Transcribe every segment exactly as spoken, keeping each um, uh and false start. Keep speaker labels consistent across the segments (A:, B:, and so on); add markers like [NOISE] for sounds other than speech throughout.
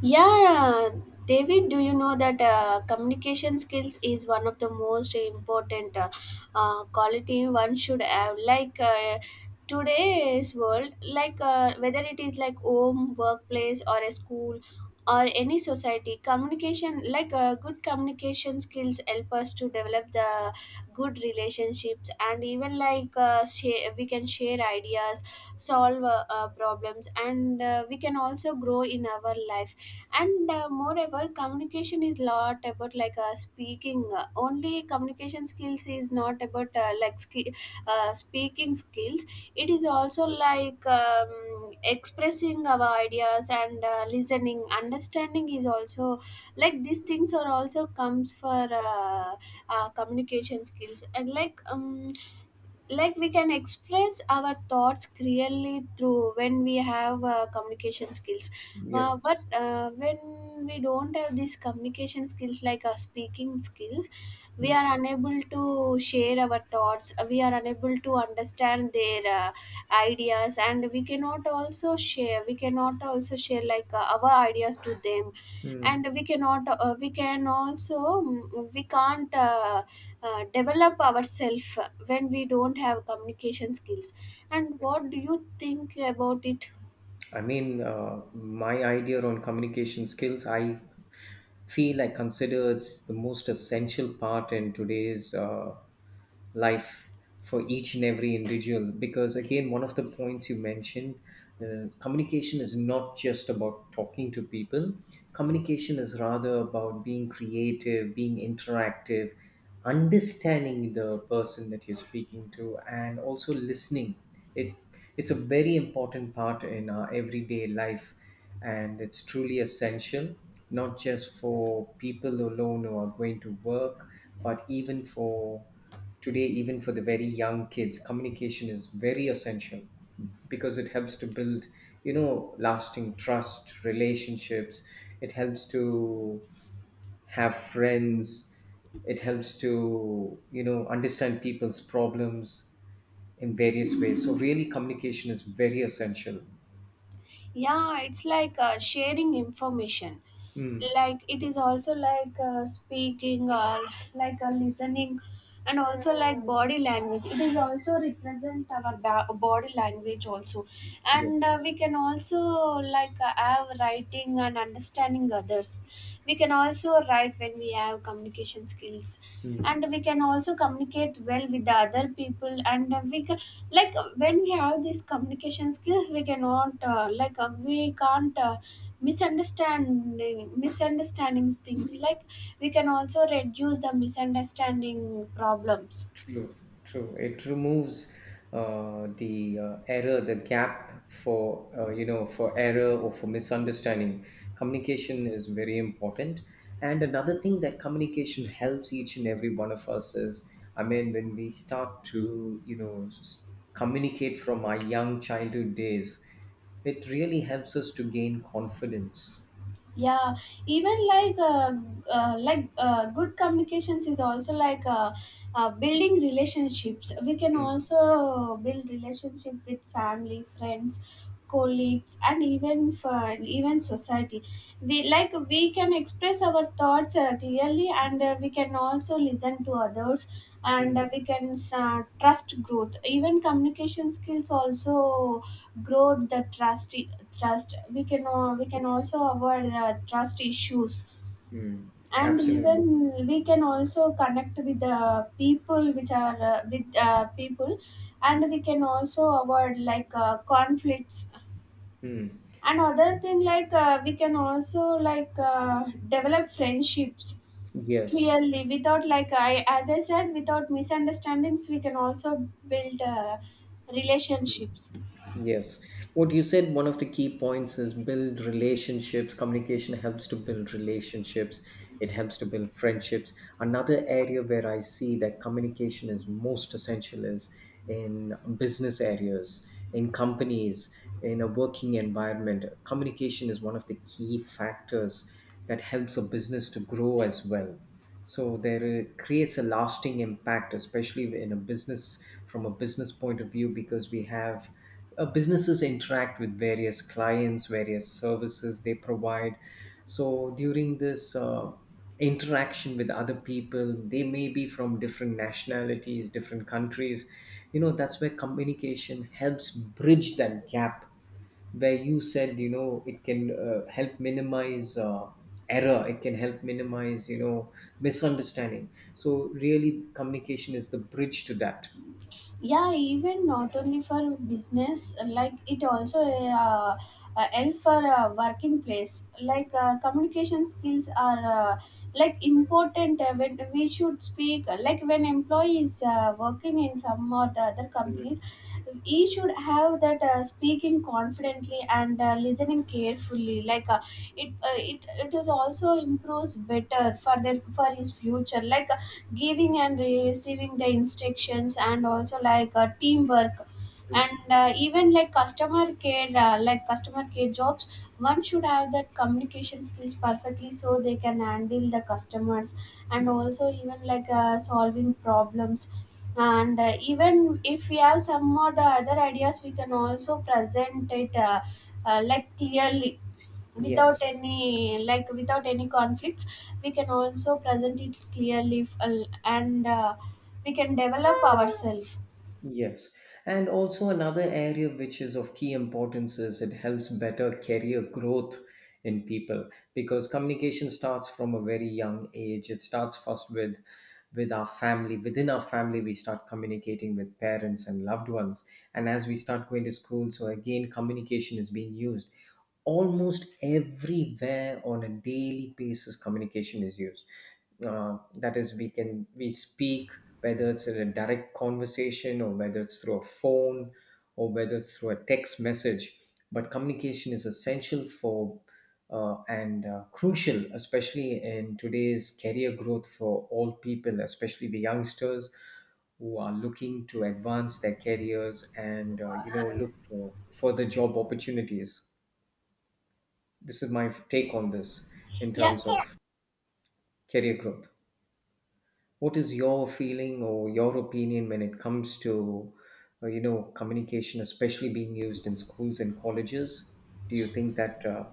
A: Yeah, David, do you know that uh, communication skills is one of the most important uh, uh, quality one should have? Like uh, today's world, like uh, whether it is like home, workplace, or a school, or any society, communication, like uh, good communication skills help us to develop the good relationships and even like uh, share, we can share ideas, solve uh, uh, problems, and uh, we can also grow in our life. And uh, moreover, communication is lot about like uh, speaking, uh, only communication skills is not about uh, like ski- uh, speaking skills. It is also like um, expressing our ideas and uh, listening, understanding is also, like, these things are also comes for uh, uh, communication skills. And like um, like, we can express our thoughts clearly through when we have uh, communication skills. uh,
B: Yes.
A: but uh, when we don't have these communication skills, like uh, speaking skills, we
B: Mm,
A: are unable to share our thoughts, we are unable to understand their uh, ideas, and we cannot also share we cannot also share like uh, our ideas to them.
B: mm.
A: And we cannot uh, we can also mm, we can't uh, uh, develop ourselves when we don't have communication skills. And what do you think about it?
B: I mean, uh, my idea on communication skills, I feel I consider it's the most essential part in today's uh, life for each and every individual. Because again, one of the points you mentioned, uh, communication is not just about talking to people. Communication is rather about being creative, being interactive, understanding the person that you're speaking to, and also listening. It it's a very important part in our everyday life, and it's truly essential, not just for people alone who are going to work, but even for today, even for the very young kids, communication is very essential because it helps to build, you know lasting trust relationships. It helps to have friends. It helps to, you know understand people's problems in various ways. So really, communication is very essential.
A: Yeah, it's like uh, sharing information,
B: Mm.
A: like it is also like uh, speaking or like uh, listening, and also like body language, it is also represent our ba- body language also.
B: Yes.
A: And uh, we can also like uh, have writing and understanding others, we can also write when we have communication skills.
B: Mm.
A: And we can also communicate well with the other people. And uh, we can, like uh, when we have these communication skills, we cannot, uh, like uh, we can't, uh, misunderstanding misunderstandings things, like, we can also reduce the misunderstanding problems.
B: True, true. It removes uh, the uh, error, the gap for, uh, you know for error or for misunderstanding. Communication is very important. And another thing that communication helps each and every one of us is, I mean, when we start to you know s- communicate from our young childhood days, it really helps us to gain confidence.
A: Yeah, even like uh, uh, like uh, good communications is also like uh, uh, building relationships, we can
B: Mm.
A: also build relationship with family, friends, colleagues, and even for, even society. We like we can express our thoughts uh, clearly, and uh, we can also listen to others. And uh,
B: Mm.
A: we can uh, trust growth, even communication skills also grow the trust trust we can al- we can
B: Yes.
A: also avoid the trust issues.
B: Mm.
A: And
B: Absolutely.
A: even we can also connect with the people, which are uh, with uh, people. And we can also avoid like uh, conflicts.
B: Mm.
A: And other thing, like uh, we can also, like uh, develop friendships
B: Yes.
A: clearly, without, like, I as I said, without misunderstandings, we can also build uh, relationships.
B: Yes. What you said, one of the key points is build relationships. Communication helps to build relationships. It helps to build friendships. Another area where I see that communication is most essential is in business areas, in companies, in a working environment. Communication is one of the key factors that helps a business to grow as well, so there it creates a lasting impact, especially in a business, from a business point of view, because we have uh, businesses interact with various clients, various services they provide. So during this uh, interaction with other people, they may be from different nationalities, different countries. You know, that's where communication helps bridge that gap, where you said, you know, it can uh, help minimize uh, error. It can help minimize, you know, misunderstanding. So really, communication is the bridge to that.
A: Yeah, even not only for business, like it also uh, uh, help for uh, working place, like uh, communication skills are uh, like important uh, when we should speak, like when employees uh, working in some or the other
B: Mm,
A: companies, he should have that uh, speaking confidently and uh, listening carefully, like uh, it, uh, it it is also improves better for their, for his future, like giving and receiving the instructions, and also like uh, teamwork.
B: mm.
A: And uh, even like customer care, uh, like customer care jobs, one should have that communication skills perfectly, so they can handle the customers. And
B: Mm.
A: also even like uh, solving problems. And uh, even if we have some or the other ideas, we can also present it uh, uh, like clearly, without
B: Yes.
A: any, like, without any conflicts, we can also present it clearly. F- and uh, we can develop ourselves.
B: Yes, and also another area which is of key importance is it helps better career growth in people because communication starts from a very young age. It starts first with with our family. Within our family, we start communicating with parents and loved ones, and as we start going to school, so again communication is being used almost everywhere. On a daily basis, communication is used. Uh, that is, we can we speak, whether it's in a direct conversation, or whether it's through a phone, or whether it's through a text message, but communication is essential for, uh, and uh, crucial, especially in today's career growth for all people, especially the youngsters who are looking to advance their careers and, uh, you know look for further job opportunities. This is my take on this, in
A: Yeah,
B: terms of career growth. What is your feeling or your opinion when it comes to, uh, you know, communication especially being used in schools and colleges? Do you think that uh,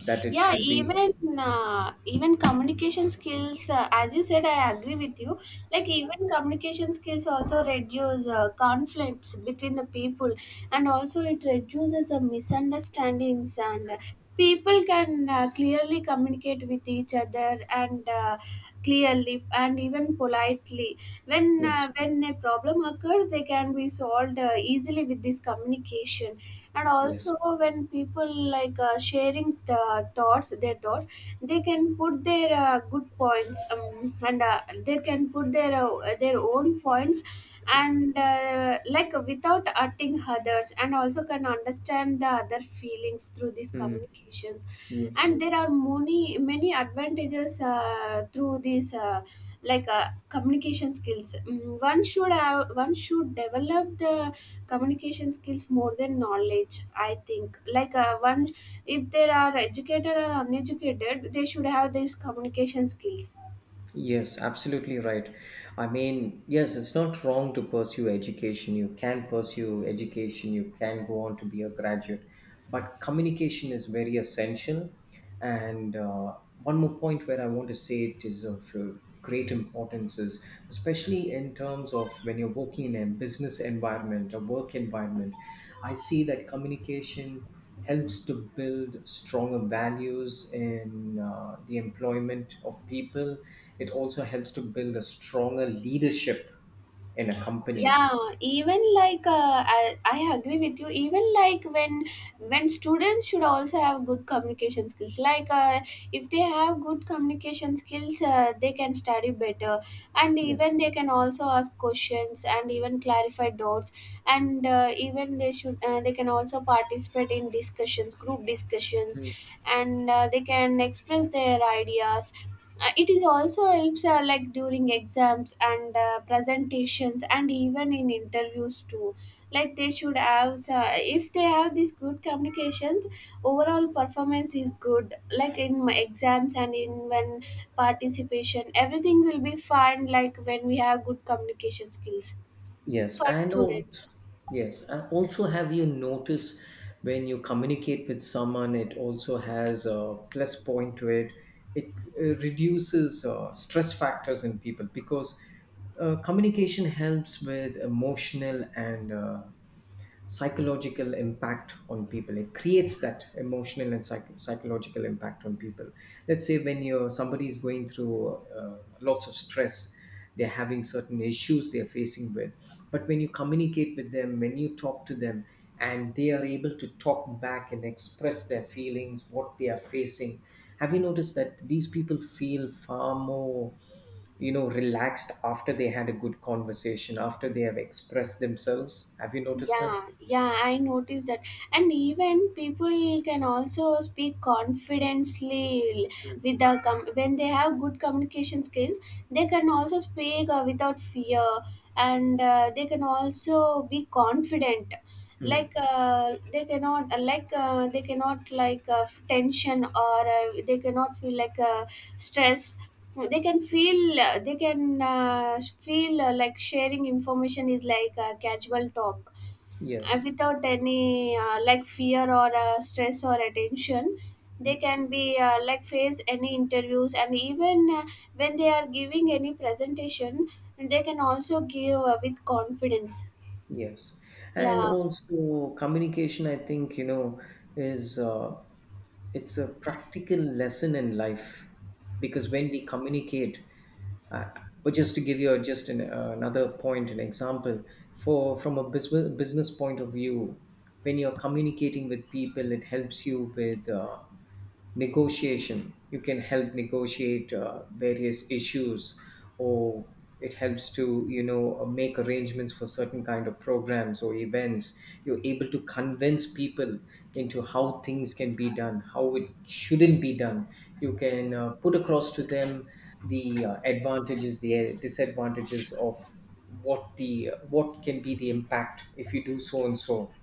B: that it
A: yeah,
B: should be...
A: even uh, even communication skills, uh, as you said, I agree with you. Like even communication skills also reduce uh, conflicts between the people, and also it reduces the misunderstandings. And uh, people can uh, clearly communicate with each other, and uh, clearly and even politely. When
B: Yes.
A: uh, when a problem occurs, they can be solved uh, easily with this communication. And
B: Yes.
A: also, when people, like uh, sharing the thoughts, their thoughts, they can put their uh, good points, um, and uh, they can put their uh, their own points, and uh, like without hurting others, and also can understand the other feelings through these
B: Mm,
A: communications.
B: yes.
A: And there are many many advantages uh, through these uh, like uh, communication skills. Mm, one should have, one should develop the communication skills more than knowledge, I think, like uh, one, if they are educated or uneducated, they should have these communication skills.
B: Yes, absolutely right. I mean, yes, it's not wrong to pursue education. You can pursue education, you can go on to be a graduate, but communication is very essential. And uh, one more point where I want to say it is of, uh, great importance is, especially in terms of when you're working in a business environment, a work environment, I see that communication helps to build stronger values in, uh, the employment of people. It also helps to build a stronger leadership in a company.
A: Yeah, even like uh, I, I agree with you, even like when when students should also have good communication skills, like uh, if they have good communication skills, uh, they can study better, and even
B: Yes.
A: they can also ask questions and even clarify doubts. And uh, even they should uh, they can also participate in discussions, group discussions,
B: Mm.
A: and uh, they can express their ideas. Uh, it is also helps uh, like during exams and uh, presentations, and even in interviews too. Like they should have uh, if they have these good communications, overall performance is good, like in my exams and in, when participation, everything will be fine, like when we have good communication skills
B: Yes.
A: for
B: And al-
A: students.
B: yes. And also, have you noticed when you communicate with someone, it also has a plus point to it. It uh, reduces uh, stress factors in people because uh, communication helps with emotional and, uh, psychological impact on people. It creates that emotional and psych- psychological impact on people. Let's say when you, somebody is going through uh, lots of stress, they're having certain issues they're facing with, but when you communicate with them, when you talk to them, and they are able to talk back and express their feelings, what they are facing, have you noticed that these people feel far more, you know relaxed after they had a good conversation, after they have expressed themselves? Have you noticed that?
A: Yeah, yeah, I noticed that. And even people can also speak confidently, with the com- when they have good communication skills, they can also speak uh, without fear, and uh, they can also be confident.
B: Mm.
A: Like uh, they cannot, uh, like uh, they cannot, like uh, tension, or uh, they cannot feel like uh, stress. They can feel, uh, they can uh, feel uh, like sharing information is like a casual talk, uh,
B: Yes.
A: without any uh, like fear or uh, stress or attention. They
B: Mm.
A: can be, uh, like, face any interviews, and even uh, when they are giving any presentation, they can also give, uh, with confidence.
B: Yes. And
A: Yeah,
B: also communication, I think, you know, is, uh, it's a practical lesson in life because when we communicate, uh, but just to give you just an, uh, another point, an example, for from a business business point of view, when you're communicating with people, it helps you with. Uh, negotiation, you can help negotiate uh, various issues, or it helps to, you know, uh, make arrangements for certain kind of programs or events. You're able to convince people into how things can be done, how it shouldn't be done. You can uh, put across to them the, uh, advantages, the uh, disadvantages of what the uh, what can be the impact if you do so and so.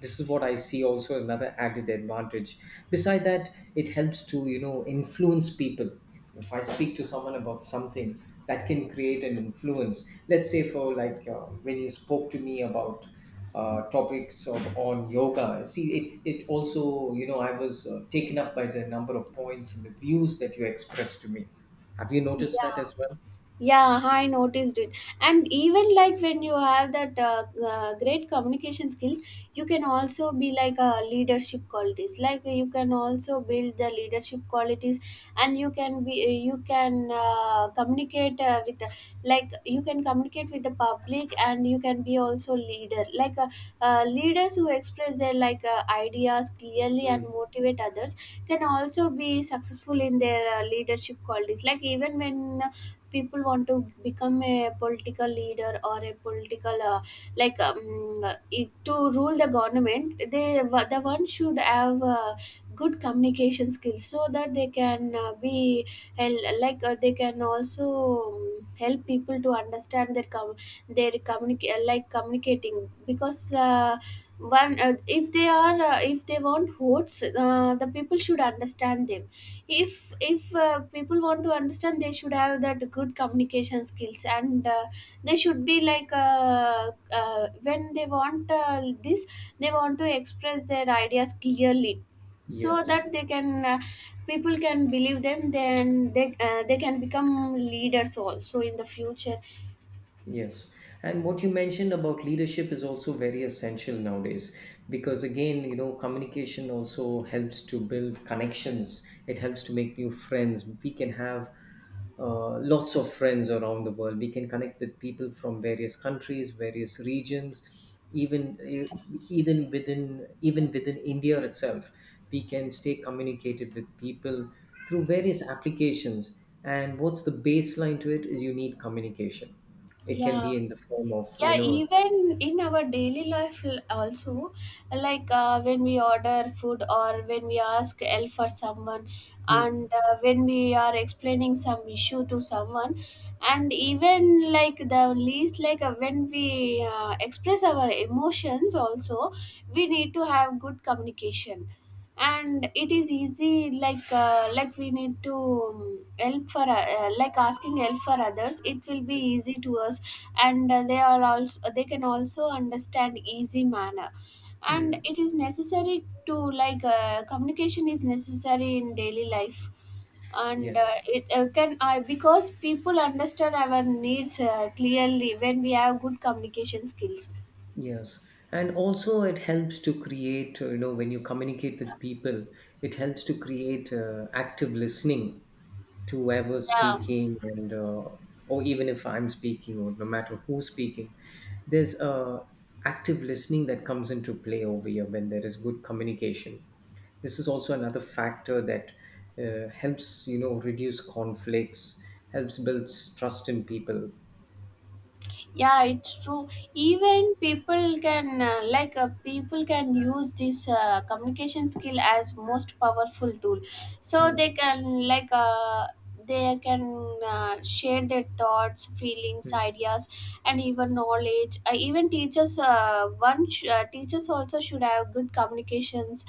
B: This is what I see also as another added advantage. Beside that, it helps to, you know influence people. If I speak to someone about something, that can create an influence. Let's say for like, uh, when you spoke to me about, uh, topics of, on yoga, see, it, it also, you know I was uh, taken up by the number of points and the views that you expressed to me. Have you noticed that
A: yeah,
B: as well?
A: yeah, I noticed it. And even like when you have that uh, uh, great communication skills, you can also be like a leadership qualities, like you can also build the leadership qualities. And you can be uh, you can uh, communicate uh, with the, like you can communicate with the public, and you can be also leader, like uh, uh, leaders who express their, like uh, ideas clearly and
B: Mm.
A: motivate others can also be successful in their uh, leadership qualities. Like, even when uh, people want to become a political leader, or a political, uh, like um, it, to rule the government, they the one should have uh, good communication skills, so that they can uh, be hel- like uh, they can also um, help people to understand their com- their communica- like communicating, because uh, one uh, if they are uh, if they want votes, uh, the people should understand them. If if uh, people want to understand, they should have that good communication skills, and uh, they should be, like uh, uh, when they want uh, this they want to express their ideas clearly, so
B: Yes.
A: that they can uh, people can believe them, then they uh, they can become leaders also in the future.
B: Yes. And what you mentioned about leadership is also very essential nowadays because, again, you know, communication also helps to build connections. It helps to make new friends. We can have uh, lots of friends around the world. We can connect with people from various countries, various regions, even uh, even within even within India itself. We can stay communicated with people through various applications. And what's the baseline to it is you need communication. It can
A: Yeah,
B: be in the form of,
A: yeah,
B: you know...
A: even in our daily life, l- also, like uh, when we order food, or when we ask help for someone,
B: Mm,
A: and uh, when we are explaining some issue to someone, and even like the least, like uh, when we uh, express our emotions also, we need to have good communication. And it is easy, like uh, like we need to, um, help for uh, uh, like, asking help for others, it will be easy to us, and uh, they are also they can also understand easy manner. And
B: mm.
A: it is necessary to like uh, communication is necessary in daily life. And uh,
B: Yes,
A: it uh, can I because people understand our needs uh, clearly when we have good communication skills.
B: yes. And also it helps to create, uh, you know, when you communicate with people, it helps to create uh, active listening to whoever's
A: Yeah,
B: speaking, and uh, or even if I'm speaking, or no matter who's speaking, there's uh, active listening that comes into play over here when there is good communication. This is also another factor that uh, helps, you know, reduce conflicts, helps build trust in people.
A: yeah, it's true. Even people can uh, like uh, people can use this uh, communication skill as most powerful tool, so
B: Mm,
A: they can like uh, they can uh, share their thoughts, feelings,
B: mm,
A: ideas, and even knowledge. Uh, even teachers, uh, one sh- uh, teachers also should have good communications,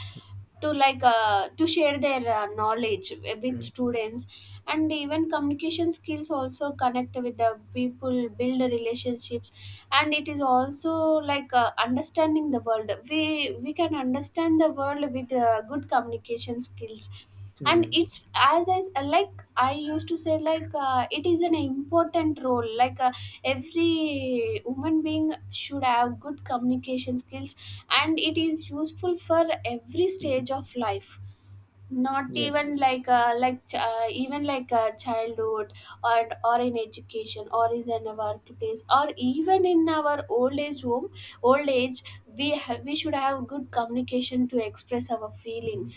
A: to, like uh, to share their uh, knowledge with
B: mm,
A: students. And even communication skills also connect with the people, build relationships, and it is also, like uh, understanding the world. We we can understand the world with uh, good communication skills. And
B: mm,
A: it's, as I, like, I used to say, like uh, it is an important role, like uh, every human being should have good communication skills. And it is useful for every
B: mm.
A: stage of life, not
B: Yes.
A: even, like uh, like uh, even, like uh, childhood, or or in education, or is in our workplace, or even in our old age home. Old age, we ha- we should have good communication to express our feelings.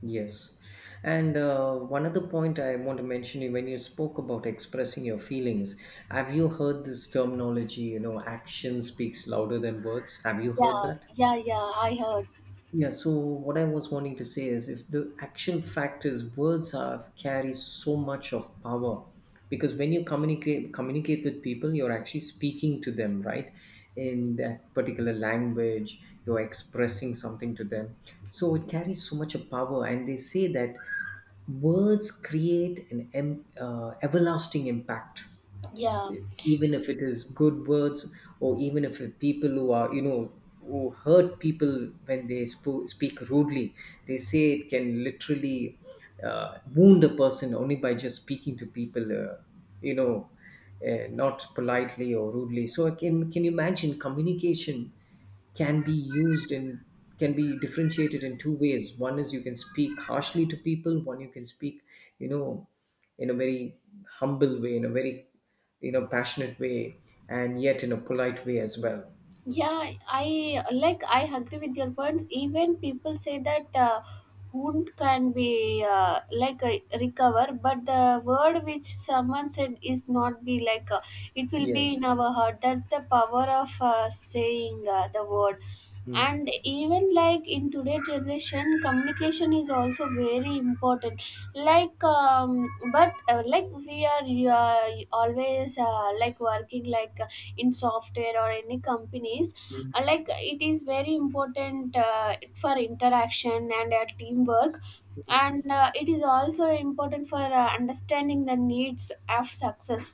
B: Yes. And uh, one other point I want to mention is when you spoke about expressing your feelings, have you heard this terminology, you know, action speaks louder than words? Have you heard
A: Yeah,
B: that?
A: yeah, yeah, I heard.
B: Yeah, so what I was wanting to say is if the action factors, words have carry so much of power, because when you communicate communicate with people, you're actually speaking to them, right? In that particular language, you're expressing something to them, so it carries so much of power. And they say that words create an em- uh, everlasting impact,
A: Yeah,
B: even if it is good words, or even if it, people who are, you know, who hurt people when they sp- speak rudely, they say it can literally uh, wound a person only by just speaking to people, uh, you know uh, not politely or rudely. So I can can you imagine communication can be used and can be differentiated in two ways? One is you can speak harshly to people, one you can speak, you know, in a very humble way, in a very, you know, passionate way, and yet in a polite way as well.
A: yeah, I like I agree with your points. Even people say that uh, wound can be uh, like uh, recover, but the word which someone said is not be, like uh, it will be in
B: Yes.
A: our heart. That's the power of uh, saying uh, the word.
B: Mm.
A: And even like in today generation communication is also very important, like um, but uh, like we are uh, always uh, like working like uh, in software or any companies.
B: Mm.
A: Uh, like it is very important uh, for interaction and uh, teamwork, and uh, it is also important for uh, understanding the needs of success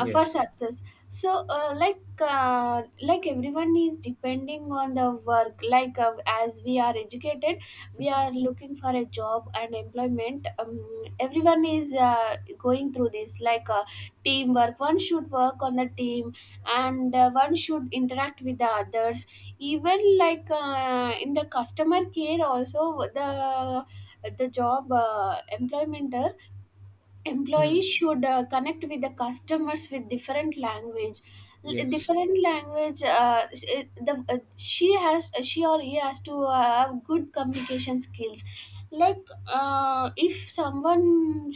A: uh, for success. So uh, like uh, like everyone is depending on the work, like uh, as we are educated, we are looking for a job and employment. Um, everyone is uh, going through this, like uh, teamwork, one should work on the team and uh, one should interact with the others. Even like uh, in the customer care also, the the job, uh, employment uh,
B: Mm.
A: employees should uh, connect with the customers with different language. L-
B: Yes.
A: different language, uh, s- uh, the uh, she has, uh, she or he has to uh, have good communication skills. Like, uh, if someone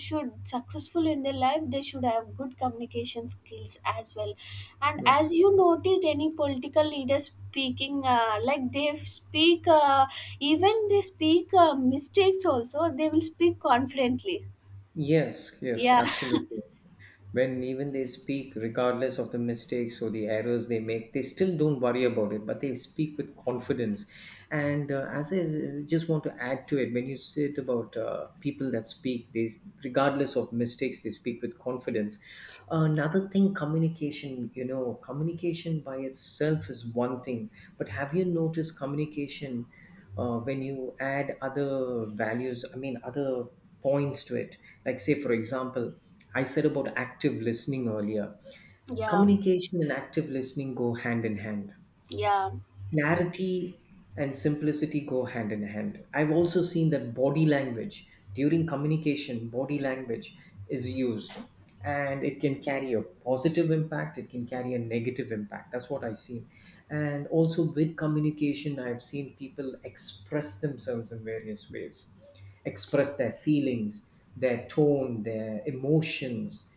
A: should successful in their life, they should have good communication skills as well. And
B: Yes.
A: as you noticed, any political leader speaking, uh, like they speak uh, even they speak uh, mistakes also, they will speak confidently,
B: Yes. Yes.
A: yeah [LAUGHS]
B: Absolutely. When even they speak regardless of the mistakes or the errors they make, they still don't worry about it, but they speak with confidence. And uh, as i uh, just want to add to it when you said about, uh, people that speak, they, regardless of mistakes, they speak with confidence. Another thing, communication, you know, communication by itself is one thing, but have you noticed communication, uh, when you add other values, I mean other points to it, like, say for example, I said about active listening earlier.
A: Yeah,
B: Communication and active listening go hand in hand.
A: yeah,
B: Clarity and simplicity go hand in hand. I've also seen that body language during communication, body language is used, and it can carry a positive impact, it can carry a negative impact. That's what I've seen. And also with communication, I've seen people express themselves in various ways, express their feelings, their tone, their emotions.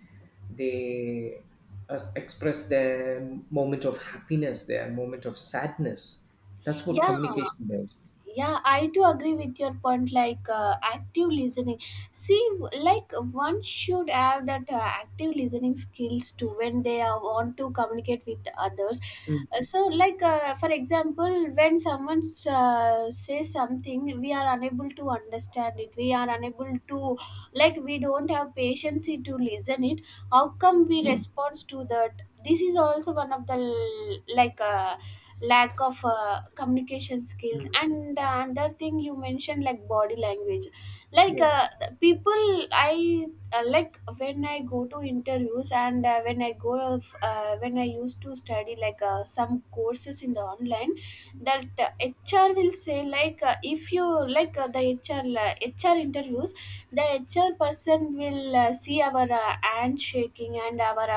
B: They us- express their moment of happiness, their moment of sadness. That's what
A: yeah,
B: communication does.
A: yeah. I do agree with your point, like uh, active listening. See, like one should have that uh, active listening skills too when they uh, want to communicate with others.
B: Mm,
A: Uh, So, like uh, for example, when someone uh, says something, we are unable to understand it. We are unable to, like, we don't have patience to listen it. How come we respond to that? This is also one of the l- like. Uh, lack of uh, communication skills.
B: mm,
A: And the another thing you mentioned, like body language, like uh,
B: yes.
A: people i uh, like when I go to interviews and uh, when i go of, uh, when I used to study like uh, some courses in the online, that uh, hr will say like uh, if you like uh, the hr la- hr interviews, the hr person will uh, see our uh, hand shaking and our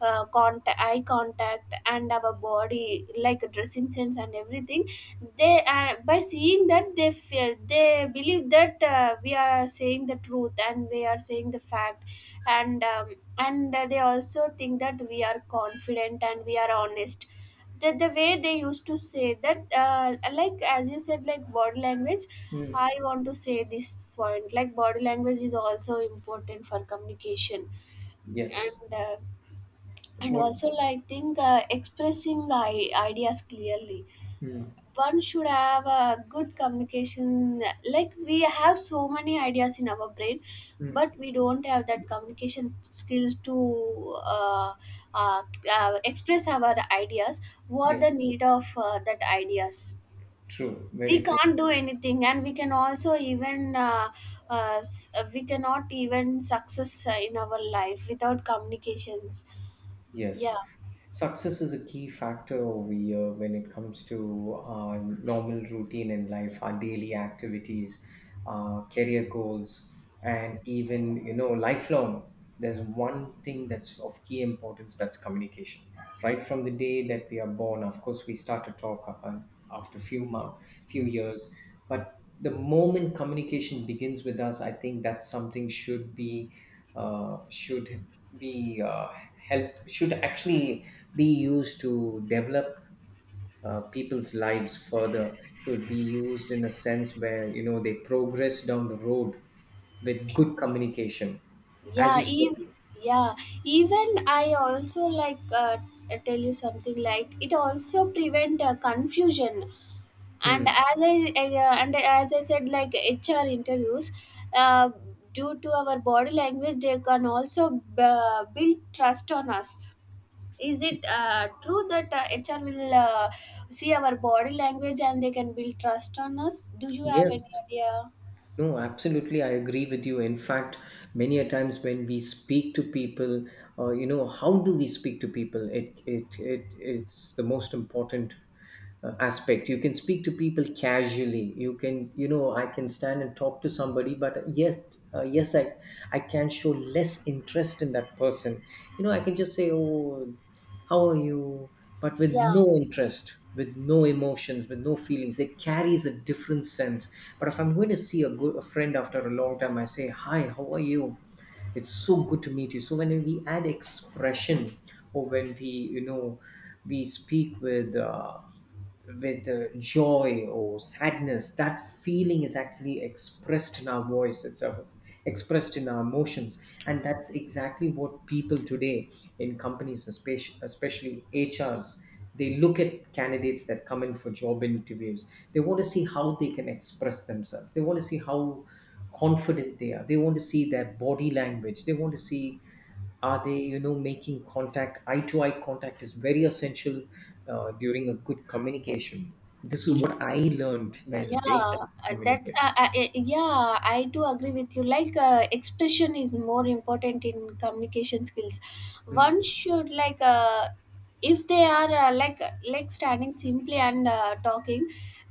A: uh, contact eye contact and our body, like dressing sense and everything. They, uh, by seeing that, they feel, they believe that uh, we are saying the truth and we are saying the fact. And um, and uh, they also think that we are confident and we are honest, the, the way they used to say that, uh, like as you said, like body language.
B: Mm,
A: I want to say this point, like body language is also important for communication.
B: yes.
A: And uh, and
B: What?
A: also like, I think uh, expressing I- ideas clearly,
B: Mm,
A: one should have a good communication. Like, we have so many ideas in our brain,
B: mm,
A: but we don't have that communication skills to uh, uh, uh, express our ideas, what the
B: yes.
A: need of uh, that ideas.
B: True.
A: We
B: Very true.
A: can't do anything, and we can also even uh, uh, s- we cannot even success uh, in our life without communications.
B: Yes,
A: Yeah.
B: success is a key factor over here when it comes to uh, normal routine in life, our daily activities, uh, career goals, and even you know lifelong. There's one thing that's of key importance, that's communication. Right from the day that we are born, of course, we start to talk uh, after few months, few years, but the moment communication begins with us, I think that's something should be uh, should be uh, help should actually be used to develop uh, people's lives further, should be used in a sense where you know they progress down the road with good communication, as
A: yeah
B: you said.
A: even Yeah, even I also like uh, tell you something, like it also prevent uh, confusion. And
B: Hmm,
A: as i, I uh, and as i said, like hr interviews, uh, due to our body language, they can also b- build trust on us. Is it uh, true that uh, hr will uh, see our body language and they can build trust on us? Do you have
B: yes.
A: any idea?
B: No, absolutely, I agree with you. In fact, many a times when we speak to people, uh, you know, how do we speak to people? It it it it's the most important uh, aspect. You can speak to people casually. You can, you know, I can stand and talk to somebody, but uh, yes, uh, yes, I I can show less interest in that person. You know, I can just say, oh, how are you, but with
A: Yeah.
B: no interest, with no emotions, with no feelings, it carries a different sense. But if I'm going to see a good a friend after a long time, I say, hi, how are you, it's so good to meet you. So when we add expression, or when we, you know, we speak with uh, with uh, joy or sadness, that feeling is actually expressed in our voice itself, expressed in our emotions. And that's exactly what people today in companies, especially especially hrs, they look at candidates that come in for job interviews. They want to see how they can express themselves. They want to see how confident they are. They want to see their body language. They want to see are they, you know, making contact. Eye to eye contact is very essential uh, during a good communication. This is what I learned
A: Yeah,
B: when they started to
A: uh, that's
B: communicate.
A: uh, uh, eh, yeah, I do agree with you, like uh, expression is more important in communication skills. One
B: Mm,
A: should like uh, if they are uh, like like standing simply and uh, talking.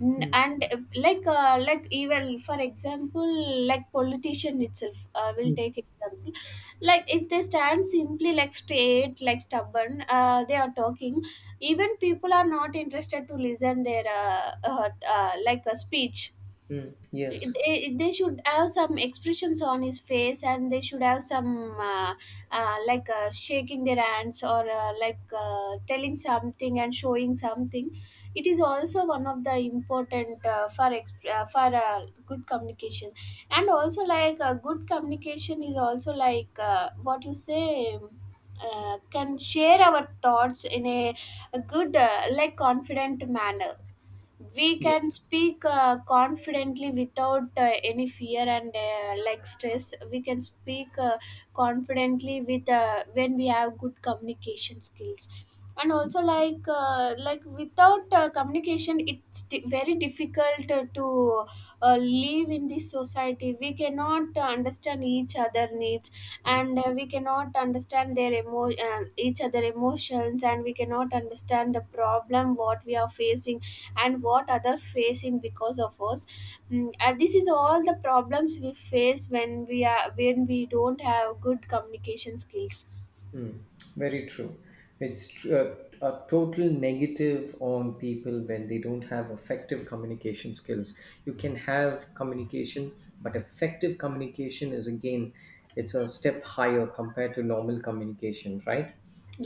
A: n-
B: mm,
A: And uh, like uh, like even for example, like politician itself uh, will
B: mm,
A: take example. Like if they stand simply, like straight, like stubborn, uh, they are talking, even people are not interested to listen their uh, uh, uh, like a speech.
B: mm. Yes,
A: They, they should have some expressions on his face, and they should have some uh, uh, like uh, shaking their hands or uh, like uh, telling something and showing something. It is also one of the important uh, for exp- uh, for uh, good communication. And also like, uh, good communication is also like, uh, what you say, uh, can share our thoughts in a, a good, uh, like confident manner. We can
B: yes.
A: speak uh, confidently without uh, any fear and uh, like stress. We can speak uh, confidently with uh, when we have good communication skills. And also like, uh, like without uh, communication, it's di- very difficult uh, to uh, live in this society. We cannot uh, understand each other needs,
B: Mm.
A: and uh, we cannot understand their emo- uh, each other emotions, and we cannot understand the problem what we are facing and what other facing because of us. Mm, and this is all the problems we face when we are, when we don't have good communication skills.
B: Mm, very true. It's tr- uh, a total negative on people when they don't have effective communication skills. You can have communication, but effective communication is, again, it's a step higher compared to normal communication, right?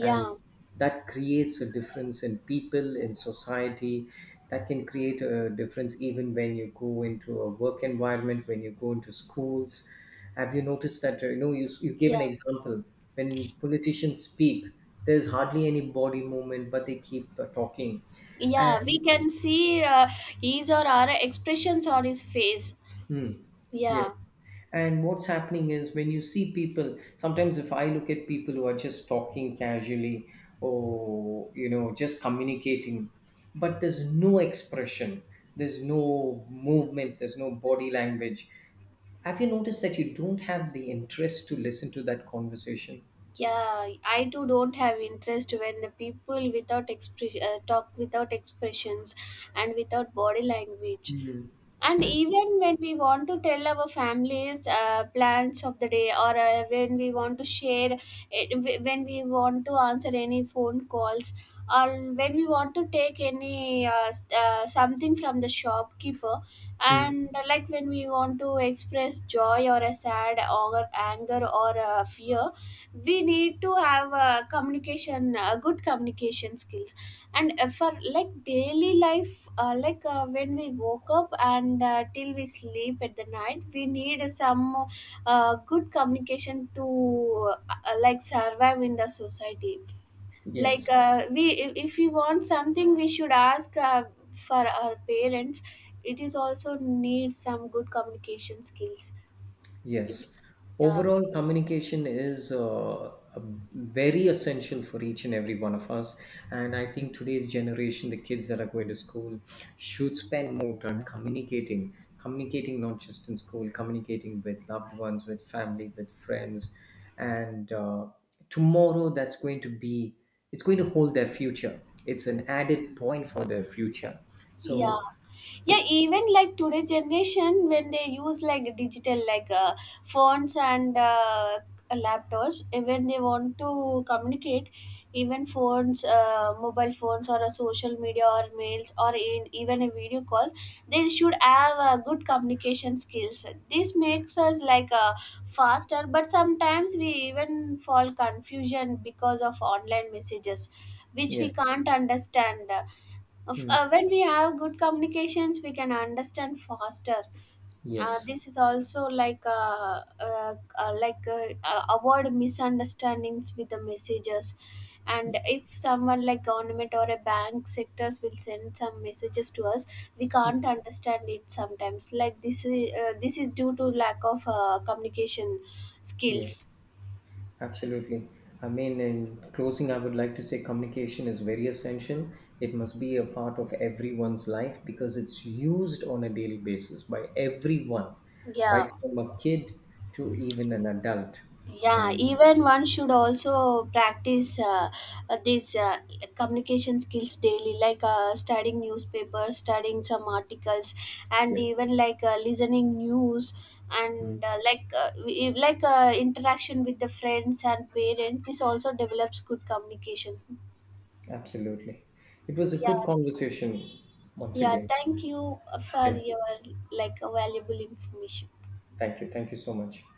B: And that creates a difference in people in society. That can create a difference even when you go into a work environment, when you go into schools. Have you noticed that, uh, you know, you, you gave an
A: yeah
B: example, when politicians speak, there's hardly any body movement but they keep uh, talking
A: Yeah, we
B: and—
A: can see uh, his or her expressions on his face.
B: Hmm. Yes.
A: Yeah.
B: And what's happening is when you see people, sometimes if I look at people who are just talking casually or, you know, just communicating, but there's no expression, there's no movement, there's no body language. Have you noticed that you don't have the interest to listen to that conversation?
A: Yeah, I too don't have interest when the people without expre uh, talk without expressions and without body language.
B: Mhm.
A: And even when we want to tell our families uh, plans of the day, or uh, when we want to share it, when we want to answer any phone calls, or when we want to take any uh, s- uh, something from the shopkeeper,
B: Mhm.
A: and uh, like when we want to express joy or a sad or anger or uh, fear, we need to have uh, communication, uh, good communication skills. And uh, for like daily life, uh, like uh, when we woke up and uh, till we sleep at the night, we need some uh, good communication to uh, uh, like survive in the society. Like,
B: Yes.
A: uh, we, if if we want something, we should ask, uh, for our parents, it is also need some good communication skills. If,
B: Yes.
A: um
B: Overall, communication is uh, a- very essential for each and every one of us. And I think today's generation, the kids that are going to school, should spend more time communicating. Communicating not just in school, communicating with loved ones, with family, with friends. And uh, tomorrow, that's going to be, it's going to hold their future. It's an added point for their future.
A: yeah.
B: So,
A: Yeah,
B: it,
A: even like today generation, when they use like digital, like uh, phones and uh, laptops, even they want to communicate. Even phones, uh, mobile phones or a social media or mails or in, even a video call, they should have uh, good communication skills. This makes us like uh, faster, but sometimes we even fall confusion because of online messages which we
B: yes.
A: can't understand. Of-
B: Hmm.
A: uh, when we have good communications, we can understand faster. Uh,
B: Yes.
A: this is also like, uh, uh, uh, like uh, uh, avoid misunderstandings with the messages. And if someone like government or a bank sectors will send some messages to us, we can't understand it sometimes, like this is, uh, this is due to lack of uh, communication
B: Yes.
A: skills.
B: Absolutely. I mean, in closing, I would like to say communication is very essential. It must be a part of everyone's life because it's used on a daily basis by everyone,
A: Yeah.
B: right from a kid to even an adult.
A: Yeah,
B: And
A: even one should also practice uh, uh, these uh, communication skills daily, like uh, studying newspapers, studying some articles, and
B: yeah,
A: even like uh, listening news, and
B: mm,
A: uh, like uh, we- like uh, interaction with the friends and parents, this also develops good communications.
B: absolutely. It was a
A: Yeah.
B: good conversation once
A: Yeah,
B: again.
A: thank you for
B: Thank you.
A: your like valuable information.
B: Thank you. Thank you so much.